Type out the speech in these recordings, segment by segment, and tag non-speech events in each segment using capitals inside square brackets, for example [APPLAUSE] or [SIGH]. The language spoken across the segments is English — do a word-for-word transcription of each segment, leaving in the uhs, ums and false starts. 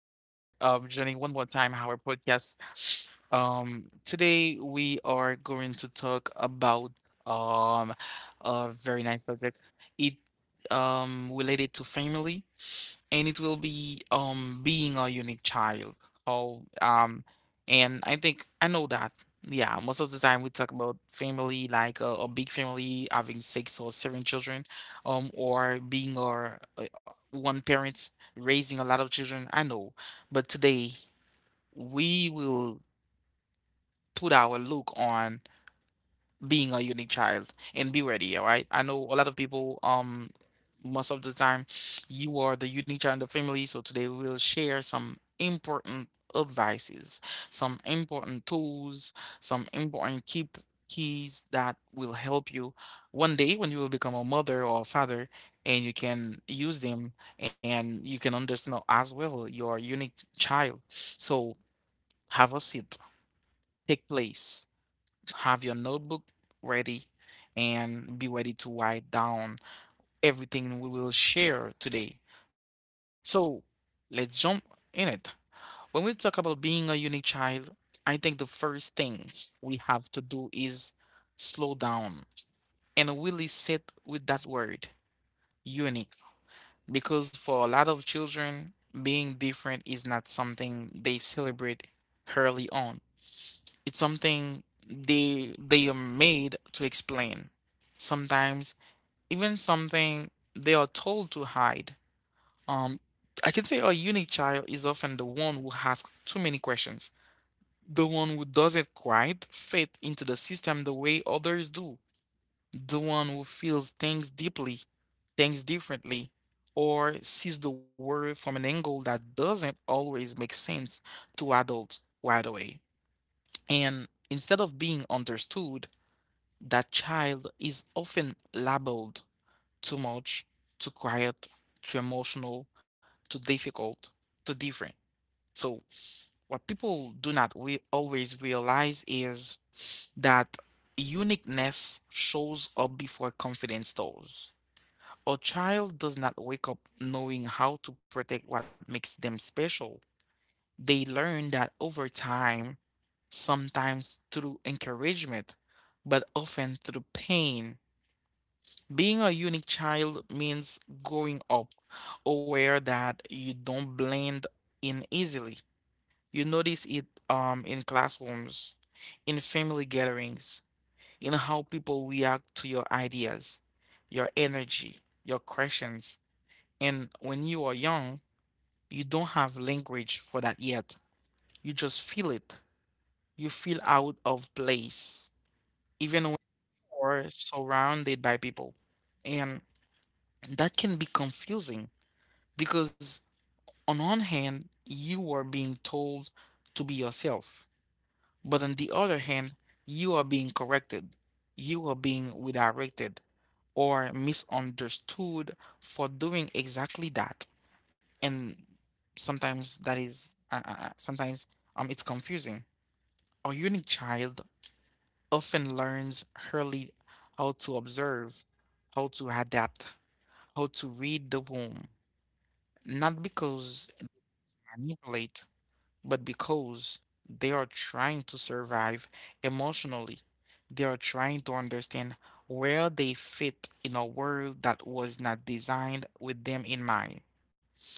um, joining one more time our podcast. Um, today we are going to talk about um a very nice subject. It um related to family, and it will be um being a unique child. Oh, um, and I think I know that. Yeah, most of the time we talk about family, like a, a big family having six or seven children, um, or being or uh, one parents raising a lot of children, I know. But today, we will put our look on being a unique child and be ready, all right? I know a lot of people um most of the time you are the unique child in the family. So today we will share some important advices, some important tools, some important key keys that will help you one day when you will become a mother or a father and you can use them and you can understand as well your unique child. So have a seat, take place, have your notebook ready and be ready to write down everything we will share today. So let's jump in it. When we talk about being a unique child, I think the first thing we have to do is slow down and really sit with that word unique. Because for a lot of children, being different is not something they celebrate early on. It's something they they are made to explain. Sometimes even something they are told to hide. Um, I can say a unique child is often the one who asks too many questions, the one who doesn't quite fit into the system the way others do, the one who feels things deeply, things differently, or sees the world from an angle that doesn't always make sense to adults right away. And instead of being understood, that child is often labeled too much, too quiet, too emotional, too difficult, too different. So, what people do not we always realize is that uniqueness shows up before confidence does. A child does not wake up knowing how to protect what makes them special. They learn that over time, sometimes through encouragement, but often through pain. Being a unique child means growing up aware that you don't blend in easily. You notice it um in classrooms, in family gatherings, in how people react to your ideas, your energy, your questions. And when you are young, you don't have language for that yet. You just feel it. You feel out of place, even when you are surrounded by people. And that can be confusing because on one hand, you are being told to be yourself. But on the other hand, you are being corrected, you are being redirected or misunderstood for doing exactly that. And sometimes that is, uh, uh, uh, sometimes um, it's confusing. A unique child often learns early how to observe, how to adapt, how to read the room, not because they manipulate but because they are trying to survive emotionally. They are trying to understand where they fit in a world that was not designed with them in mind.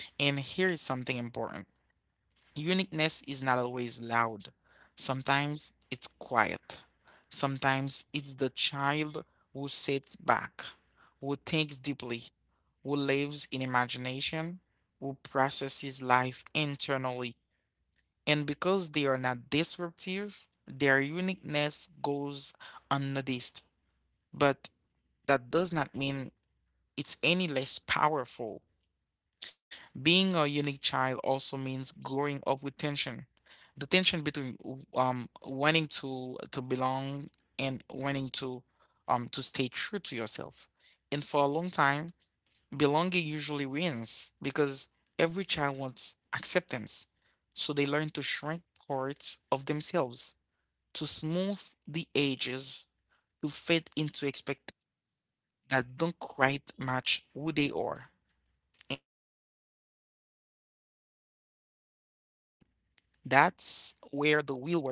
And here is something important: uniqueness is not always loud, sometimes it's quiet, sometimes it's the child who sits back, who thinks deeply, who lives in imagination, who processes life internally, and because they are not disruptive, their uniqueness goes unnoticed. But that does not mean it's any less powerful. Being a unique child also means growing up with tension. The tension between um wanting to to belong and wanting to um to stay true to yourself. And for a long time, belonging usually wins because every child wants acceptance. So they learn to shrink parts of themselves to smooth the edges to fit into expectations that don't quite match who they are. And that's where the real work begins. Because years later,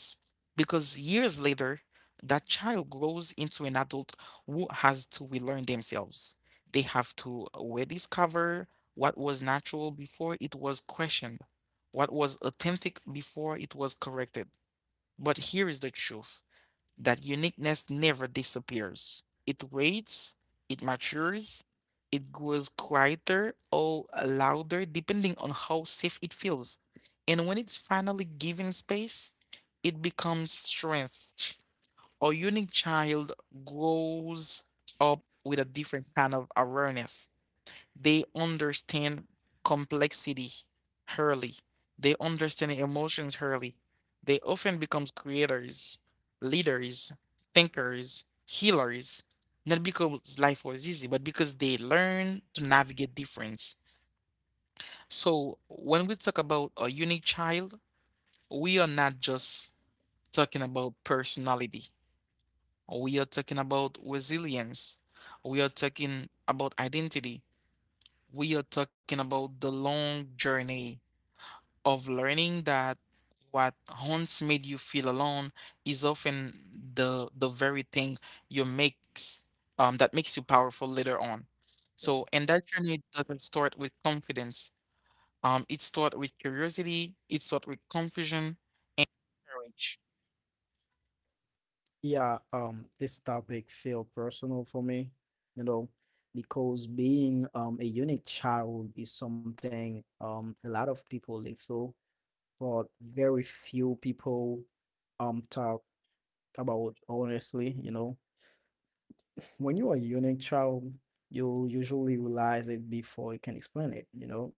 that child grows into an adult who has to relearn themselves. They have to rediscover what was natural before it was questioned, what was authentic before it was corrected. But here is the truth: that uniqueness never disappears. It waits, it matures, it grows quieter or louder depending on how safe it feels. And when it's finally given space, it becomes strength. A unique child grows up with a different kind of awareness. They understand complexity early. They understand emotions early. They often become creators, leaders, thinkers, healers, not because life was easy, but because they learn to navigate difference. So when we talk about a unique child, we are not just talking about personality. We are talking about resilience. We are talking about identity. We are talking about the long journey of learning that what once made you feel alone is often the the very thing you makes um, that makes you powerful later on. So, and that journey doesn't start with confidence. Um, it starts with curiosity. It starts with confusion, courage. Yeah, um, this topic feel personal for me, you know, because being um a unique child is something um a lot of people live through, but very few people um talk about honestly, you know. When you are a unique child, you usually realize it before you can explain it, you know.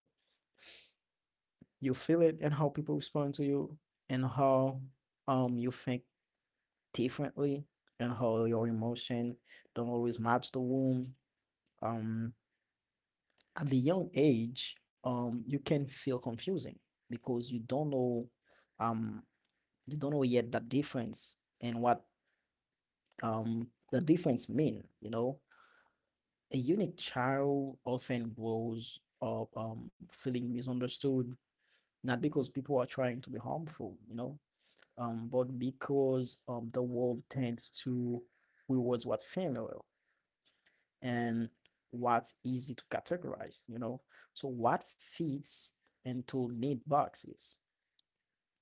You feel it and how people respond to you and how um you think differently, and how your emotion don't always match the womb um at the young age. Um you can feel confusing because you don't know, um you don't know yet the difference and what um the difference mean, you know. A unique child often grows up um feeling misunderstood, not because people are trying to be harmful, you know, um but because um the world tends to rewards what's familiar and what's easy to categorize, you know? So what fits into neat boxes?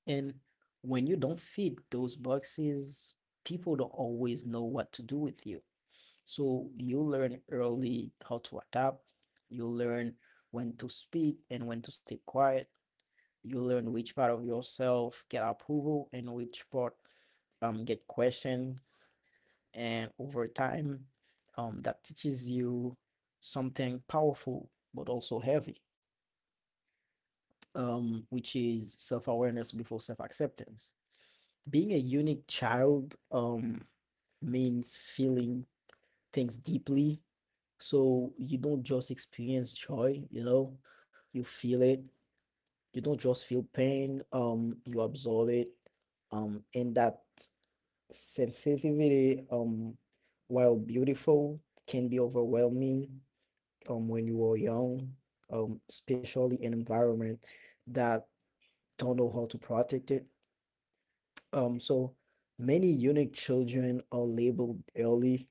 And when you don't fit those boxes, people don't always know what to do with you. So you learn early how to adapt. You learn when to speak and when to stay quiet. You learn which part of yourself get approval and which part um get questioned. And over time, um, that teaches you something powerful but also heavy, um, which is self-awareness before self-acceptance. Being a unique child, um, means feeling things deeply. So you don't just experience joy, you know, you feel it. You don't just feel pain, um you absorb it. Um and that sensitivity, um, while beautiful, can be overwhelming um, when you are young, um, especially in environment that don't know how to protect it. Um, so many unique children are labeled early: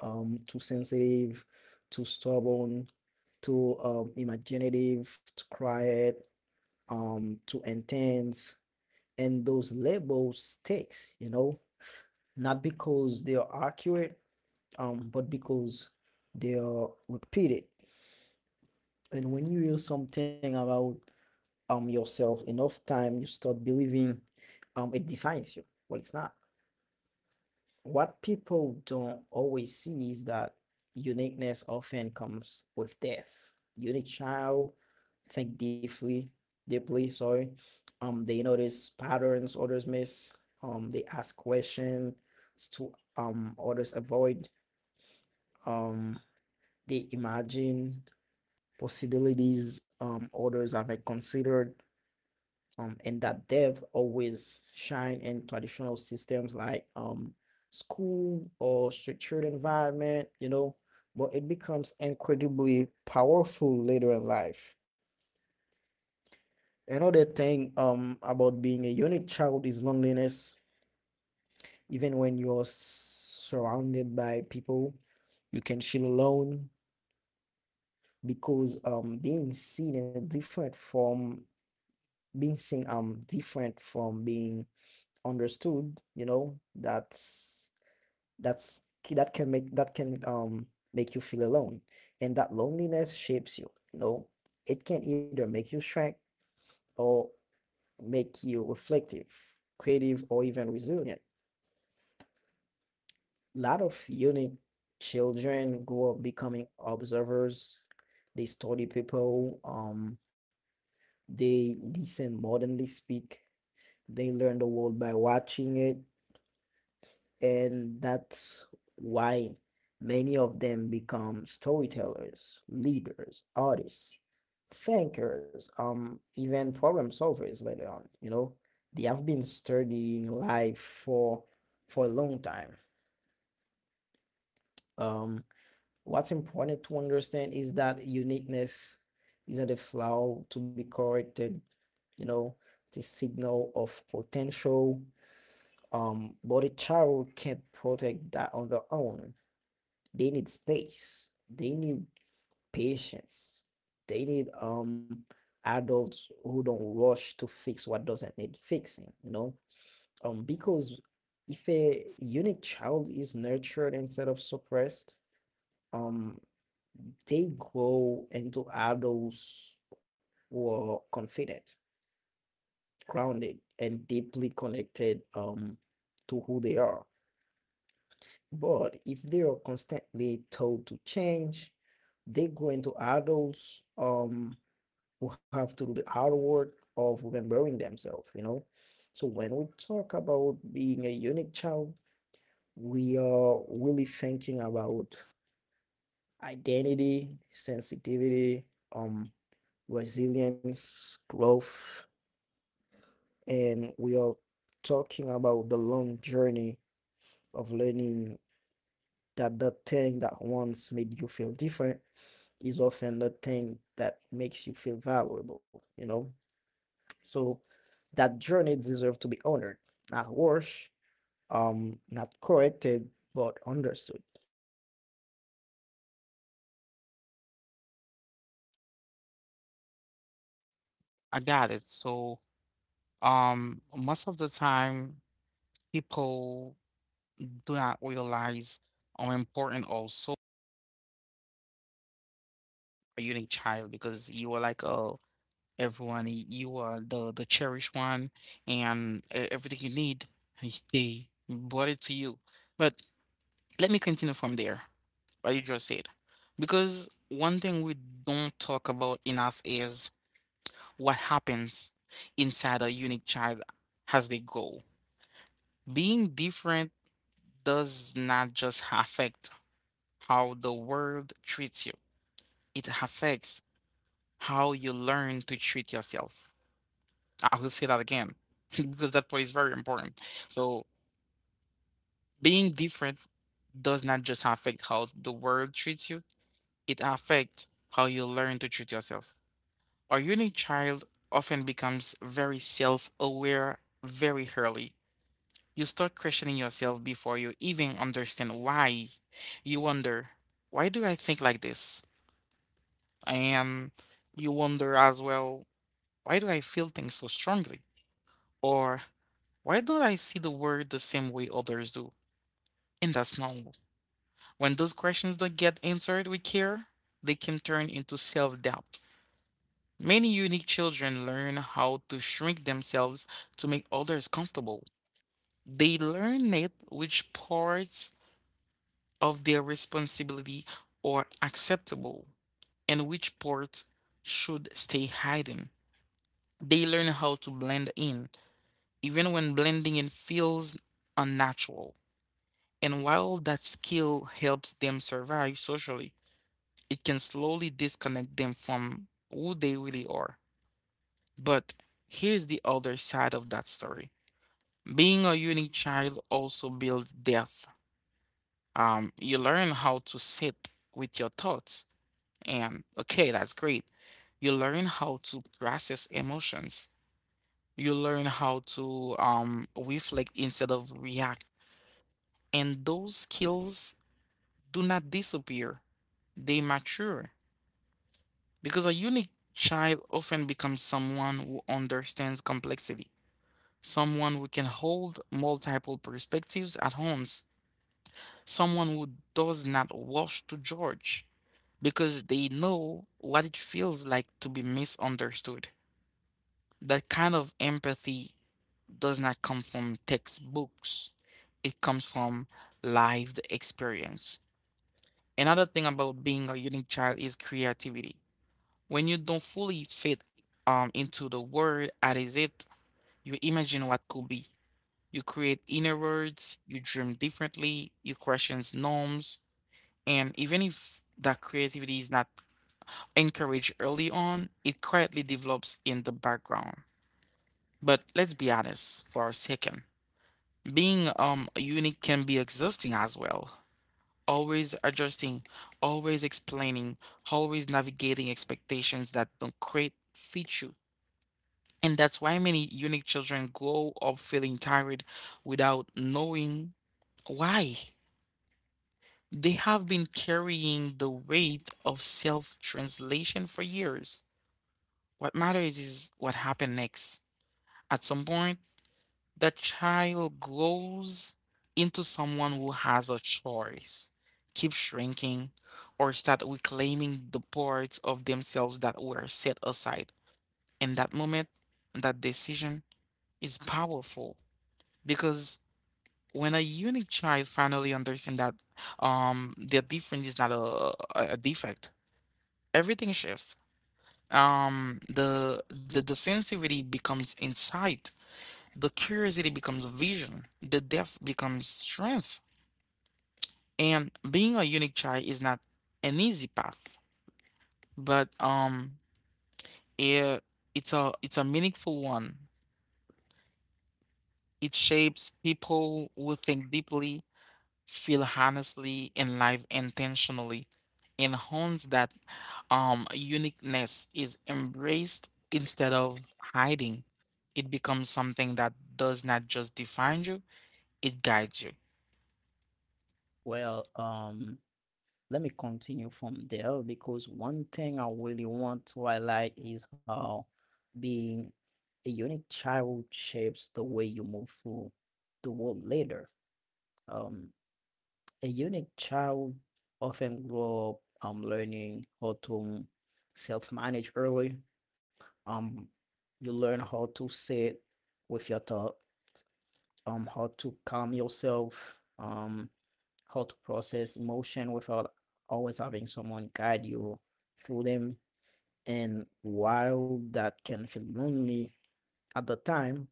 um, too sensitive, too stubborn, too um, imaginative, too quiet, um, too intense. And those labels sticks, you know, not because they are accurate, um but because they are repeated. And when you hear something about um yourself enough time, you start believing um it defines you. Well, it's not. What people don't always see is that uniqueness often comes with death. Unique child think deeply deeply sorry. Um they notice patterns others miss. Um they ask questions to um others avoid. um they imagine possibilities um, others haven't considered. Um, and that depth always shine in traditional systems like um, school or structured environment, you know, but it becomes incredibly powerful later in life. Another thing um, about being a unique child is loneliness. Even when you're surrounded by people, you can feel alone because, um, being seen in a different form, being seen um different from being understood, you know, that's that's that can make, that can um make you feel alone. And that loneliness shapes you, you know. It can either make you shrink or make you reflective, creative, or even resilient. A lot of unique children grow up becoming observers. They study people. Um they listen more than they speak. They learn the world by watching it. And that's why many of them become storytellers, leaders, artists, thinkers, um, even problem solvers later on. You know, they have been studying life for for a long time. Um, what's important to understand is that uniqueness isn't a flaw to be corrected. You know, it's a signal of potential. Um, but a child can't protect that on their own. They need space, they need patience, they need um adults who don't rush to fix what doesn't need fixing, you know, um because if a unique child is nurtured instead of suppressed, um they grow into adults who are confident, grounded, and deeply connected um to who they are. But if they are constantly told to change, they go into adults um who have to do the hard work of remembering themselves, you know. So when we talk about being a unique child, we are really thinking about identity, sensitivity, um, resilience, growth, and we are talking about the long journey of learning that the thing that once made you feel different is often the thing that makes you feel valuable, you know? So that journey deserves to be honored, not worse, um, not corrected, but understood. I got it. So, um, most of the time, people do not realize how important also a unique child because you are like a everyone. y- You are the the cherished one, and e- everything you need, is they brought it to you. But let me continue from there. What you just said, because one thing we don't talk about enough is what happens inside a unique child as they grow. Being different does not just affect how the world treats you; it affects how you learn to treat yourself. I will say that again [LAUGHS] because that part is very important. So being different does not just affect how the world treats you, it affects how you learn to treat yourself. Our unique child often becomes very self aware very early. You start questioning yourself before you even understand why. You wonder, why do I think like this? And you wonder as well, why do I feel things so strongly? Or why don't I see the word the same way others do? And that's normal. When those questions don't get answered with care, they can turn into self doubt. Many unique children learn how to shrink themselves to make others comfortable. They learn it which parts of their responsibility are acceptable and which parts should stay hidden. They learn how to blend in, even when blending in feels unnatural. And while that skill helps them survive socially, it can slowly disconnect them from who they really are. But here's the other side of that story. Being a unique child also builds depth. Um, you learn how to sit with your thoughts, and okay, that's great. You learn how to process emotions. You learn how to um, reflect instead of react. And those skills do not disappear, they mature. Because a unique child often becomes someone who understands complexity, someone who can hold multiple perspectives at once, someone who does not rush to judge because they know what it feels like to be misunderstood. That kind of empathy does not come from textbooks, it comes from lived experience. Another thing about being a unique child is creativity. When you don't fully fit um into the word as it, you imagine what could be. You create inner words, you dream differently, you question norms, and even if that creativity is not encouraged early on, it quietly develops in the background. But let's be honest for a second. Being um unique can be exhausting as well. Always adjusting, always explaining, always navigating expectations that don't quite fit you. And that's why many unique children grow up feeling tired without knowing why. They have been carrying the weight of self translation for years. What matters is what happened next. At some point, the child grows into someone who has a choice: keep shrinking or start reclaiming the parts of themselves that were set aside. In that moment, that decision is powerful because when a unique child finally understands that um their difference is not a, a a defect, everything shifts. Um, the the the sensitivity becomes insight, the curiosity becomes vision, the depth becomes strength. And being a unique child is not an easy path, but um, it, it's a it's a meaningful one. It shapes people who think deeply, feel honestly and live intentionally, enhance that um uniqueness is embraced instead of hiding. It becomes something that does not just define you, it guides you. Well, um, Let me continue from there because one thing I really want to highlight is how being a unique child shapes the way you move through the world later. Um, A unique child often grow up um, learning how to self manage early. Um, you learn how to sit with your thought, um, how to calm yourself, um, how to process emotion without always having someone guide you through them. And while that can feel lonely at the time,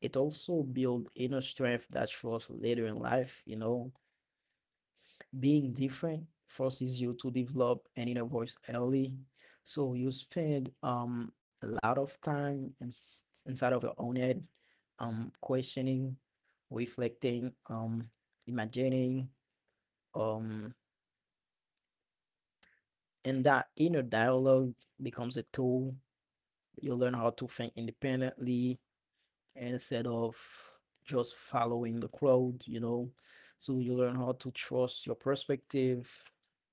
it also builds inner strength that shows later in life, you know. Being different forces you to develop an inner voice early. So you spend um a lot of time ins inside of your own head, um questioning, reflecting, um imagining, um and that inner dialogue becomes a tool. You learn how to think independently, instead of just following the crowd, you know. So you learn how to trust your perspective,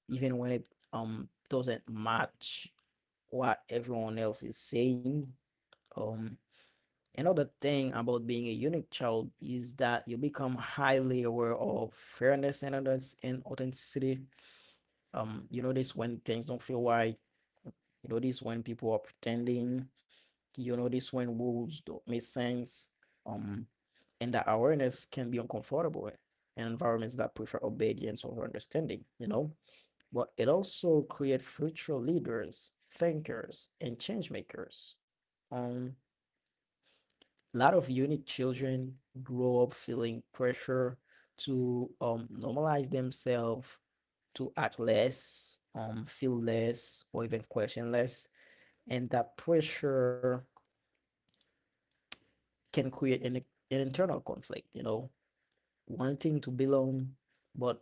even when it um doesn't match what everyone else is saying. Um, Another thing about being a unique child is that you become highly aware of fairness and others and authenticity. Um, you notice when things don't feel right. You notice when people are pretending, you know this, when rules don't make sense. um and that awareness can be uncomfortable in environments that prefer obedience over understanding, you know, but it also creates future leaders, thinkers, and change makers. um a lot of unique children grow up feeling pressure to um normalize themselves, to act less, um feel less, or even question less. And that pressure can create an, an internal conflict, you know, wanting to belong, but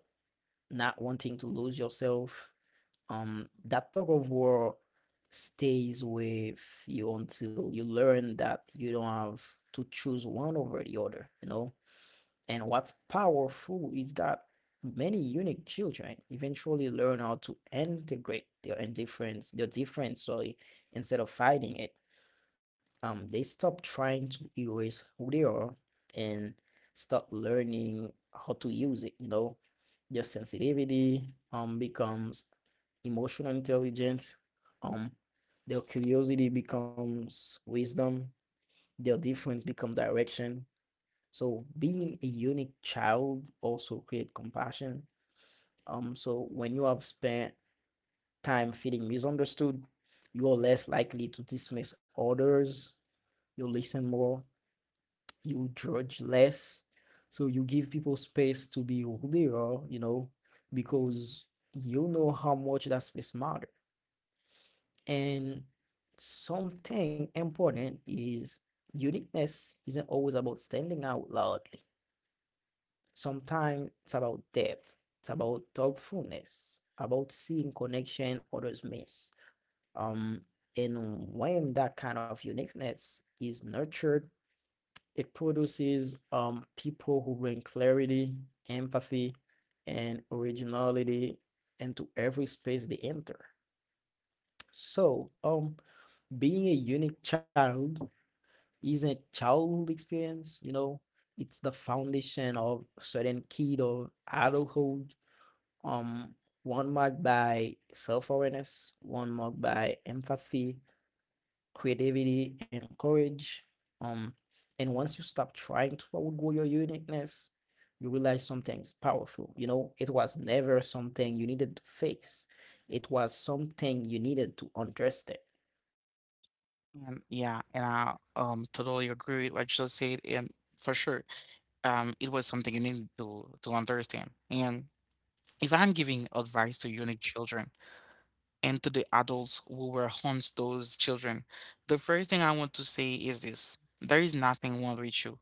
not wanting to lose yourself. Um, that tug of war stays with you until you learn that you don't have to choose one over the other, you know. And what's powerful is that many unique children eventually learn how to integrate their indifference, their difference, sorry, instead of fighting it. Um they stop trying to erase who they are and start learning how to use it, you know. Their sensitivity um becomes emotional intelligence. um their curiosity becomes wisdom. Their difference become direction. So being a unique child also create compassion. Um so when you have spent time feeling misunderstood, you're less likely to dismiss others. You listen more, you judge less. So you give people space to be who they are, you know, because you know how much that space matters. And something important is uniqueness isn't always about standing out loudly. Sometimes it's about depth, it's about thoughtfulness, about seeing connection others miss. Um, and when that kind of uniqueness is nurtured, it produces um, people who bring clarity, empathy, and originality into every space they enter. So, um, Being a unique child isn't childhood experience, you know, it's the foundation of certain key of adulthood. Um, One marked by self-awareness, one marked by empathy, creativity, and courage. Um, and once you stop trying to outgrow your uniqueness, you realize something's powerful. You know, it was never something you needed to fix. It was something you needed to understand. And yeah, and i um totally agree with what you just said. And for sure, um it was something you needed to to understand. And if I'm giving advice to unique children and to the adults who were harms those children. The first thing I want to say is this. There is nothing wrong with you.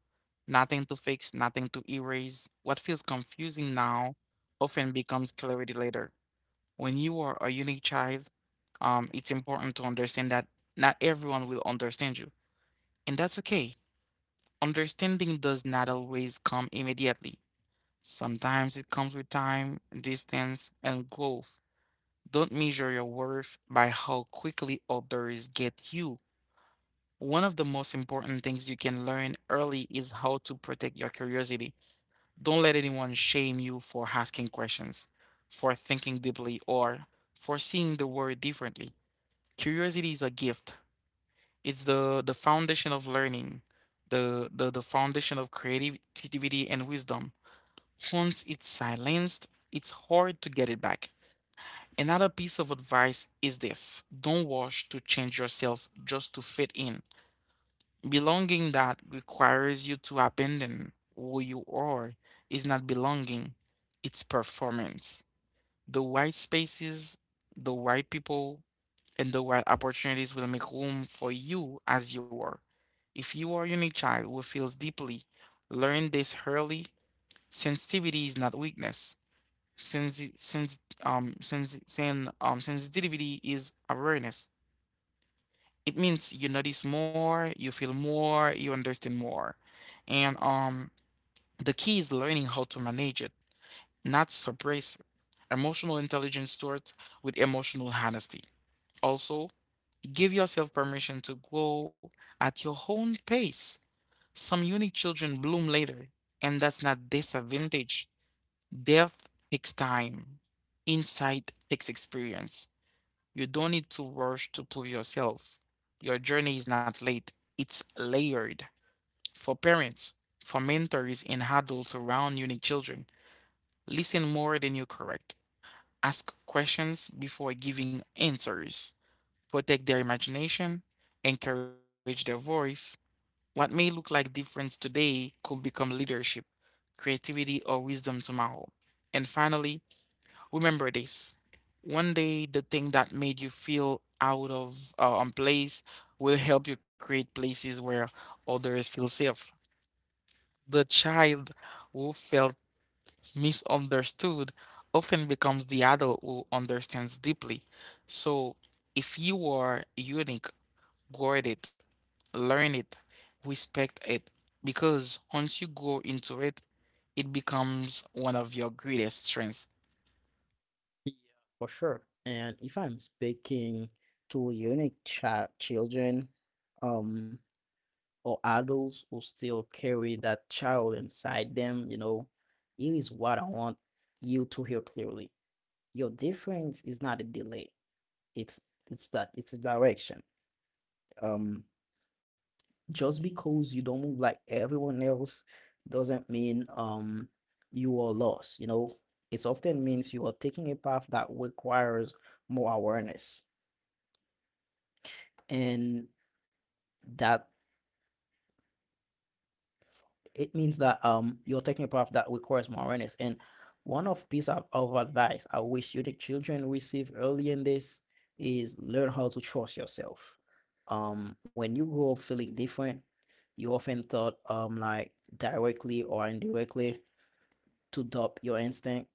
Nothing to fix, nothing to erase. What feels confusing now often becomes clarity later. When you are a unique child, um, it's important to understand that not everyone will understand you. And that's okay. Understanding does not always come immediately. Sometimes it comes with time, distance, and growth. Don't measure your worth by how quickly others get you. One of the most important things you can learn early is how to protect your curiosity. Don't let anyone shame you for asking questions, for thinking deeply, or for seeing the world differently. Curiosity is a gift. It's the, the foundation of learning, the, the, the foundation of creativity and wisdom. Once it's silenced, it's hard to get it back. Another piece of advice is this: don't rush to change yourself just to fit in. Belonging that requires you to abandon who you are is not belonging, it's performance. The right spaces, the right people, and the right opportunities will make room for you as you are. If you are a unique child who feels deeply, learn this early. Sensitivity is not weakness. Sensi- sens- um, sens- sen- um, sensitivity is awareness. It means you notice more, you feel more, you understand more. And um, the key is learning how to manage it, not suppress it. Emotional intelligence starts with emotional honesty. Also, give yourself permission to grow at your own pace. Some unique children bloom later, and that's not disadvantage. Depth takes time, insight takes experience. You don't need to rush to prove yourself. Your journey is not late, it's layered. For parents, for mentors, and adults around unique children, listen more than you correct. Ask questions before giving answers. Protect their imagination, encourage their voice. What may look like difference today could become leadership, creativity, or wisdom tomorrow. And finally, remember this. One day, the thing that made you feel out of uh, um, place will help you create places where others feel safe. The child who felt misunderstood often becomes the adult who understands deeply. So, if you are unique, guard it, learn it, respect it, because once you go into it, it becomes one of your greatest strengths. Yeah, for sure. And if I'm speaking to unique child children, um, or adults who still carry that child inside them, you know, here is what I want you to hear clearly. Your difference is not a delay. it's it's that it's a direction. um just because you don't move like everyone else doesn't mean um you are lost, you know. It often means you are taking a path that requires more awareness. And that it means that um you're taking a path that requires more awareness. And one of piece of, of advice I wish you the children receive early in this is learn how to trust yourself. Um, when you grow up feeling different, you often thought um like directly or indirectly to doubt your instinct,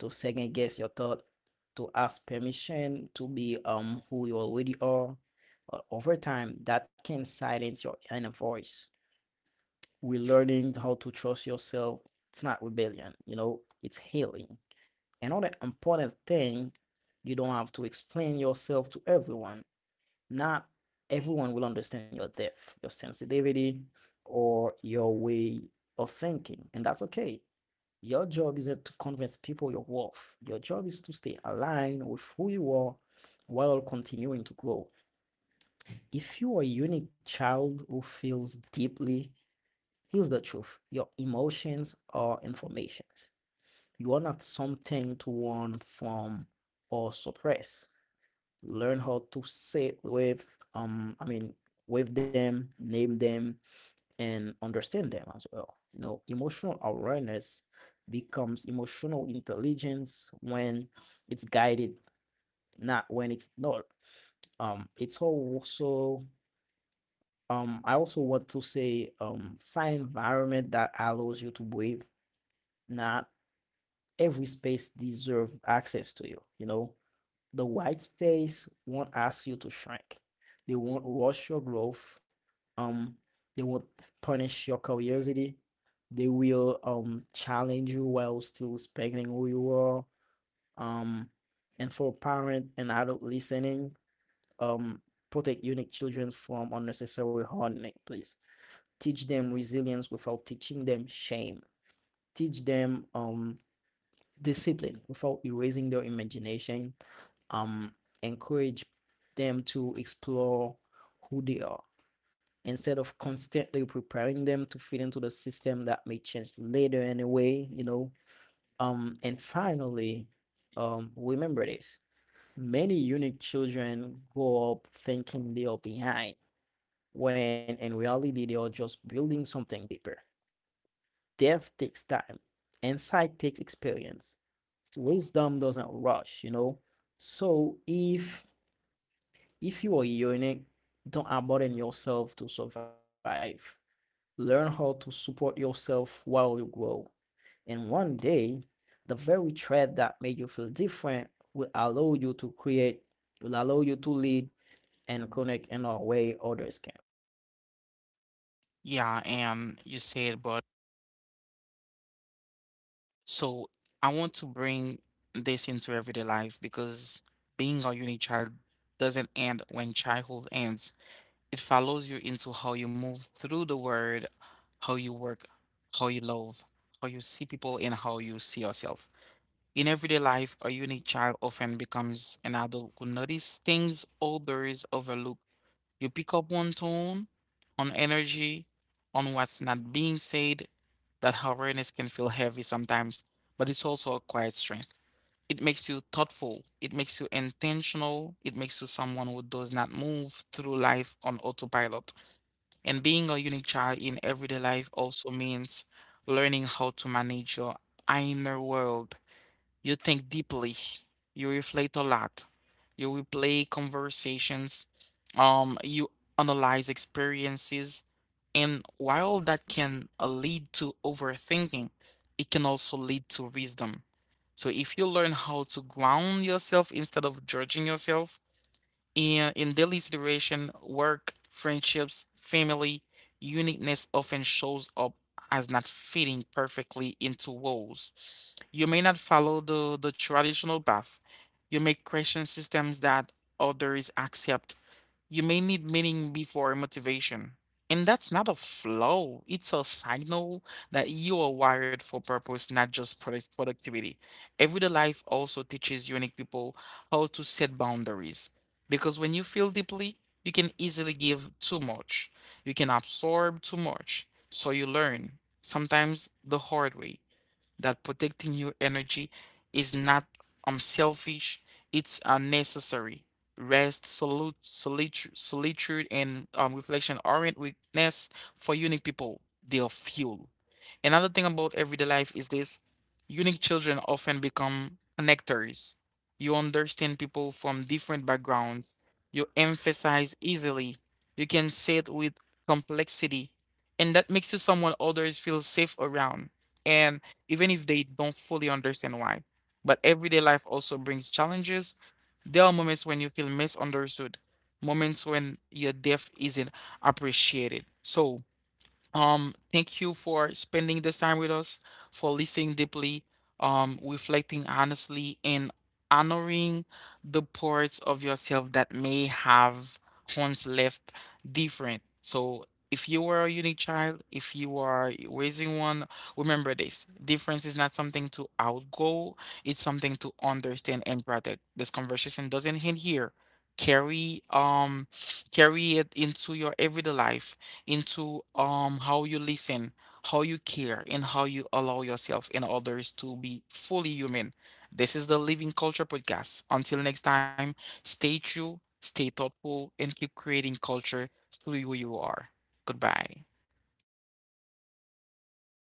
to second guess your thought, to ask permission to be um who you already are. But over time, that can silence your inner voice. We're learning how to trust yourself. It's not rebellion, you know, it's healing. Another important thing, you don't have to explain yourself to everyone. Not everyone will understand your depth, your sensitivity, or your way of thinking, and that's okay. Your job isn't to convince people your worth. Your job is to stay aligned with who you are while continuing to grow. If you are a unique child who feels deeply, here's the truth: your emotions are informations. You are not something to run from or suppress. Learn how to sit with, um, I mean, with them, name them, and understand them as well. You know, emotional awareness becomes emotional intelligence when it's guided, not when it's not. Um, it's also um, I also want to say, um, find environment that allows you to breathe. Not every space deserves access to you. You know, the white space won't ask you to shrink. They won't rush your growth. Um, they won't punish your curiosity. They will um challenge you while still respecting who you are. Um, and for parent and adult listening, um, protect unique children from unnecessary hardening, please. Teach them resilience without teaching them shame. Teach them um discipline without erasing their imagination. um Encourage them to explore who they are instead of constantly preparing them to fit into the system that may change later anyway, you know. Um and finally, um remember this: many unique children grow up thinking they are behind when in reality they are just building something deeper. Depth takes time, insight takes experience, wisdom doesn't rush, you know. So if if you are unique, don't abandon yourself to survive. Learn how to support yourself while you grow. And one day, the very trait that made you feel different will allow you to create, will allow you to lead and connect in a way others can. Yeah, and you said, but so I want to bring this into everyday life because being a unique child doesn't end when childhood ends. It follows you into how you move through the world, how you work, how you love, how you see people, and how you see yourself. In everyday life, a unique child often becomes an adult who notices things others overlook. You pick up one tone, on energy, on what's not being said. That awareness can feel heavy sometimes, but it's also a quiet strength. It makes you thoughtful, it makes you intentional, it makes you someone who does not move through life on autopilot. And being a unique child in everyday life also means learning how to manage your inner world. You think deeply. You reflect a lot. You replay conversations. Um, you analyze experiences. And while that can uh, lead to overthinking, it can also lead to wisdom. So if you learn how to ground yourself instead of judging yourself, and in daily situation, work, friendships, family, uniqueness often shows up as not fitting perfectly into roles. You may not follow the, the traditional path. You may question systems that others accept. You may need meaning before motivation. And that's not a flaw, it's a signal that you are wired for purpose, not just product productivity. Everyday life also teaches unique people how to set boundaries. Because when you feel deeply, you can easily give too much, you can absorb too much. So you learn, sometimes the hard way, that protecting your energy is not unselfish; it's a necessary. Rest, solute, solitude, solitude, and um, reflection aren't weakness for unique people, they are fuel. Another thing about everyday life is this: unique children often become connectors. You understand people from different backgrounds, you emphasize easily, you can sit with complexity, and that makes you someone others feel safe around. And even if they don't fully understand why. But everyday life also brings challenges. There are moments when you feel misunderstood, moments when your depth isn't appreciated. So, um, thank you for spending this time with us, for listening deeply, um, reflecting honestly, and honoring the parts of yourself that may have once left different. So, if you were a unique child, if you are raising one, remember this: difference is not something to outgo; it's something to understand and protect. This conversation doesn't end here. Carry um, Carry it into your everyday life, into um how you listen, how you care, and how you allow yourself and others to be fully human. This is the Living Culture Podcast. Until next time, stay true, stay thoughtful, and keep creating culture through who you are. Goodbye.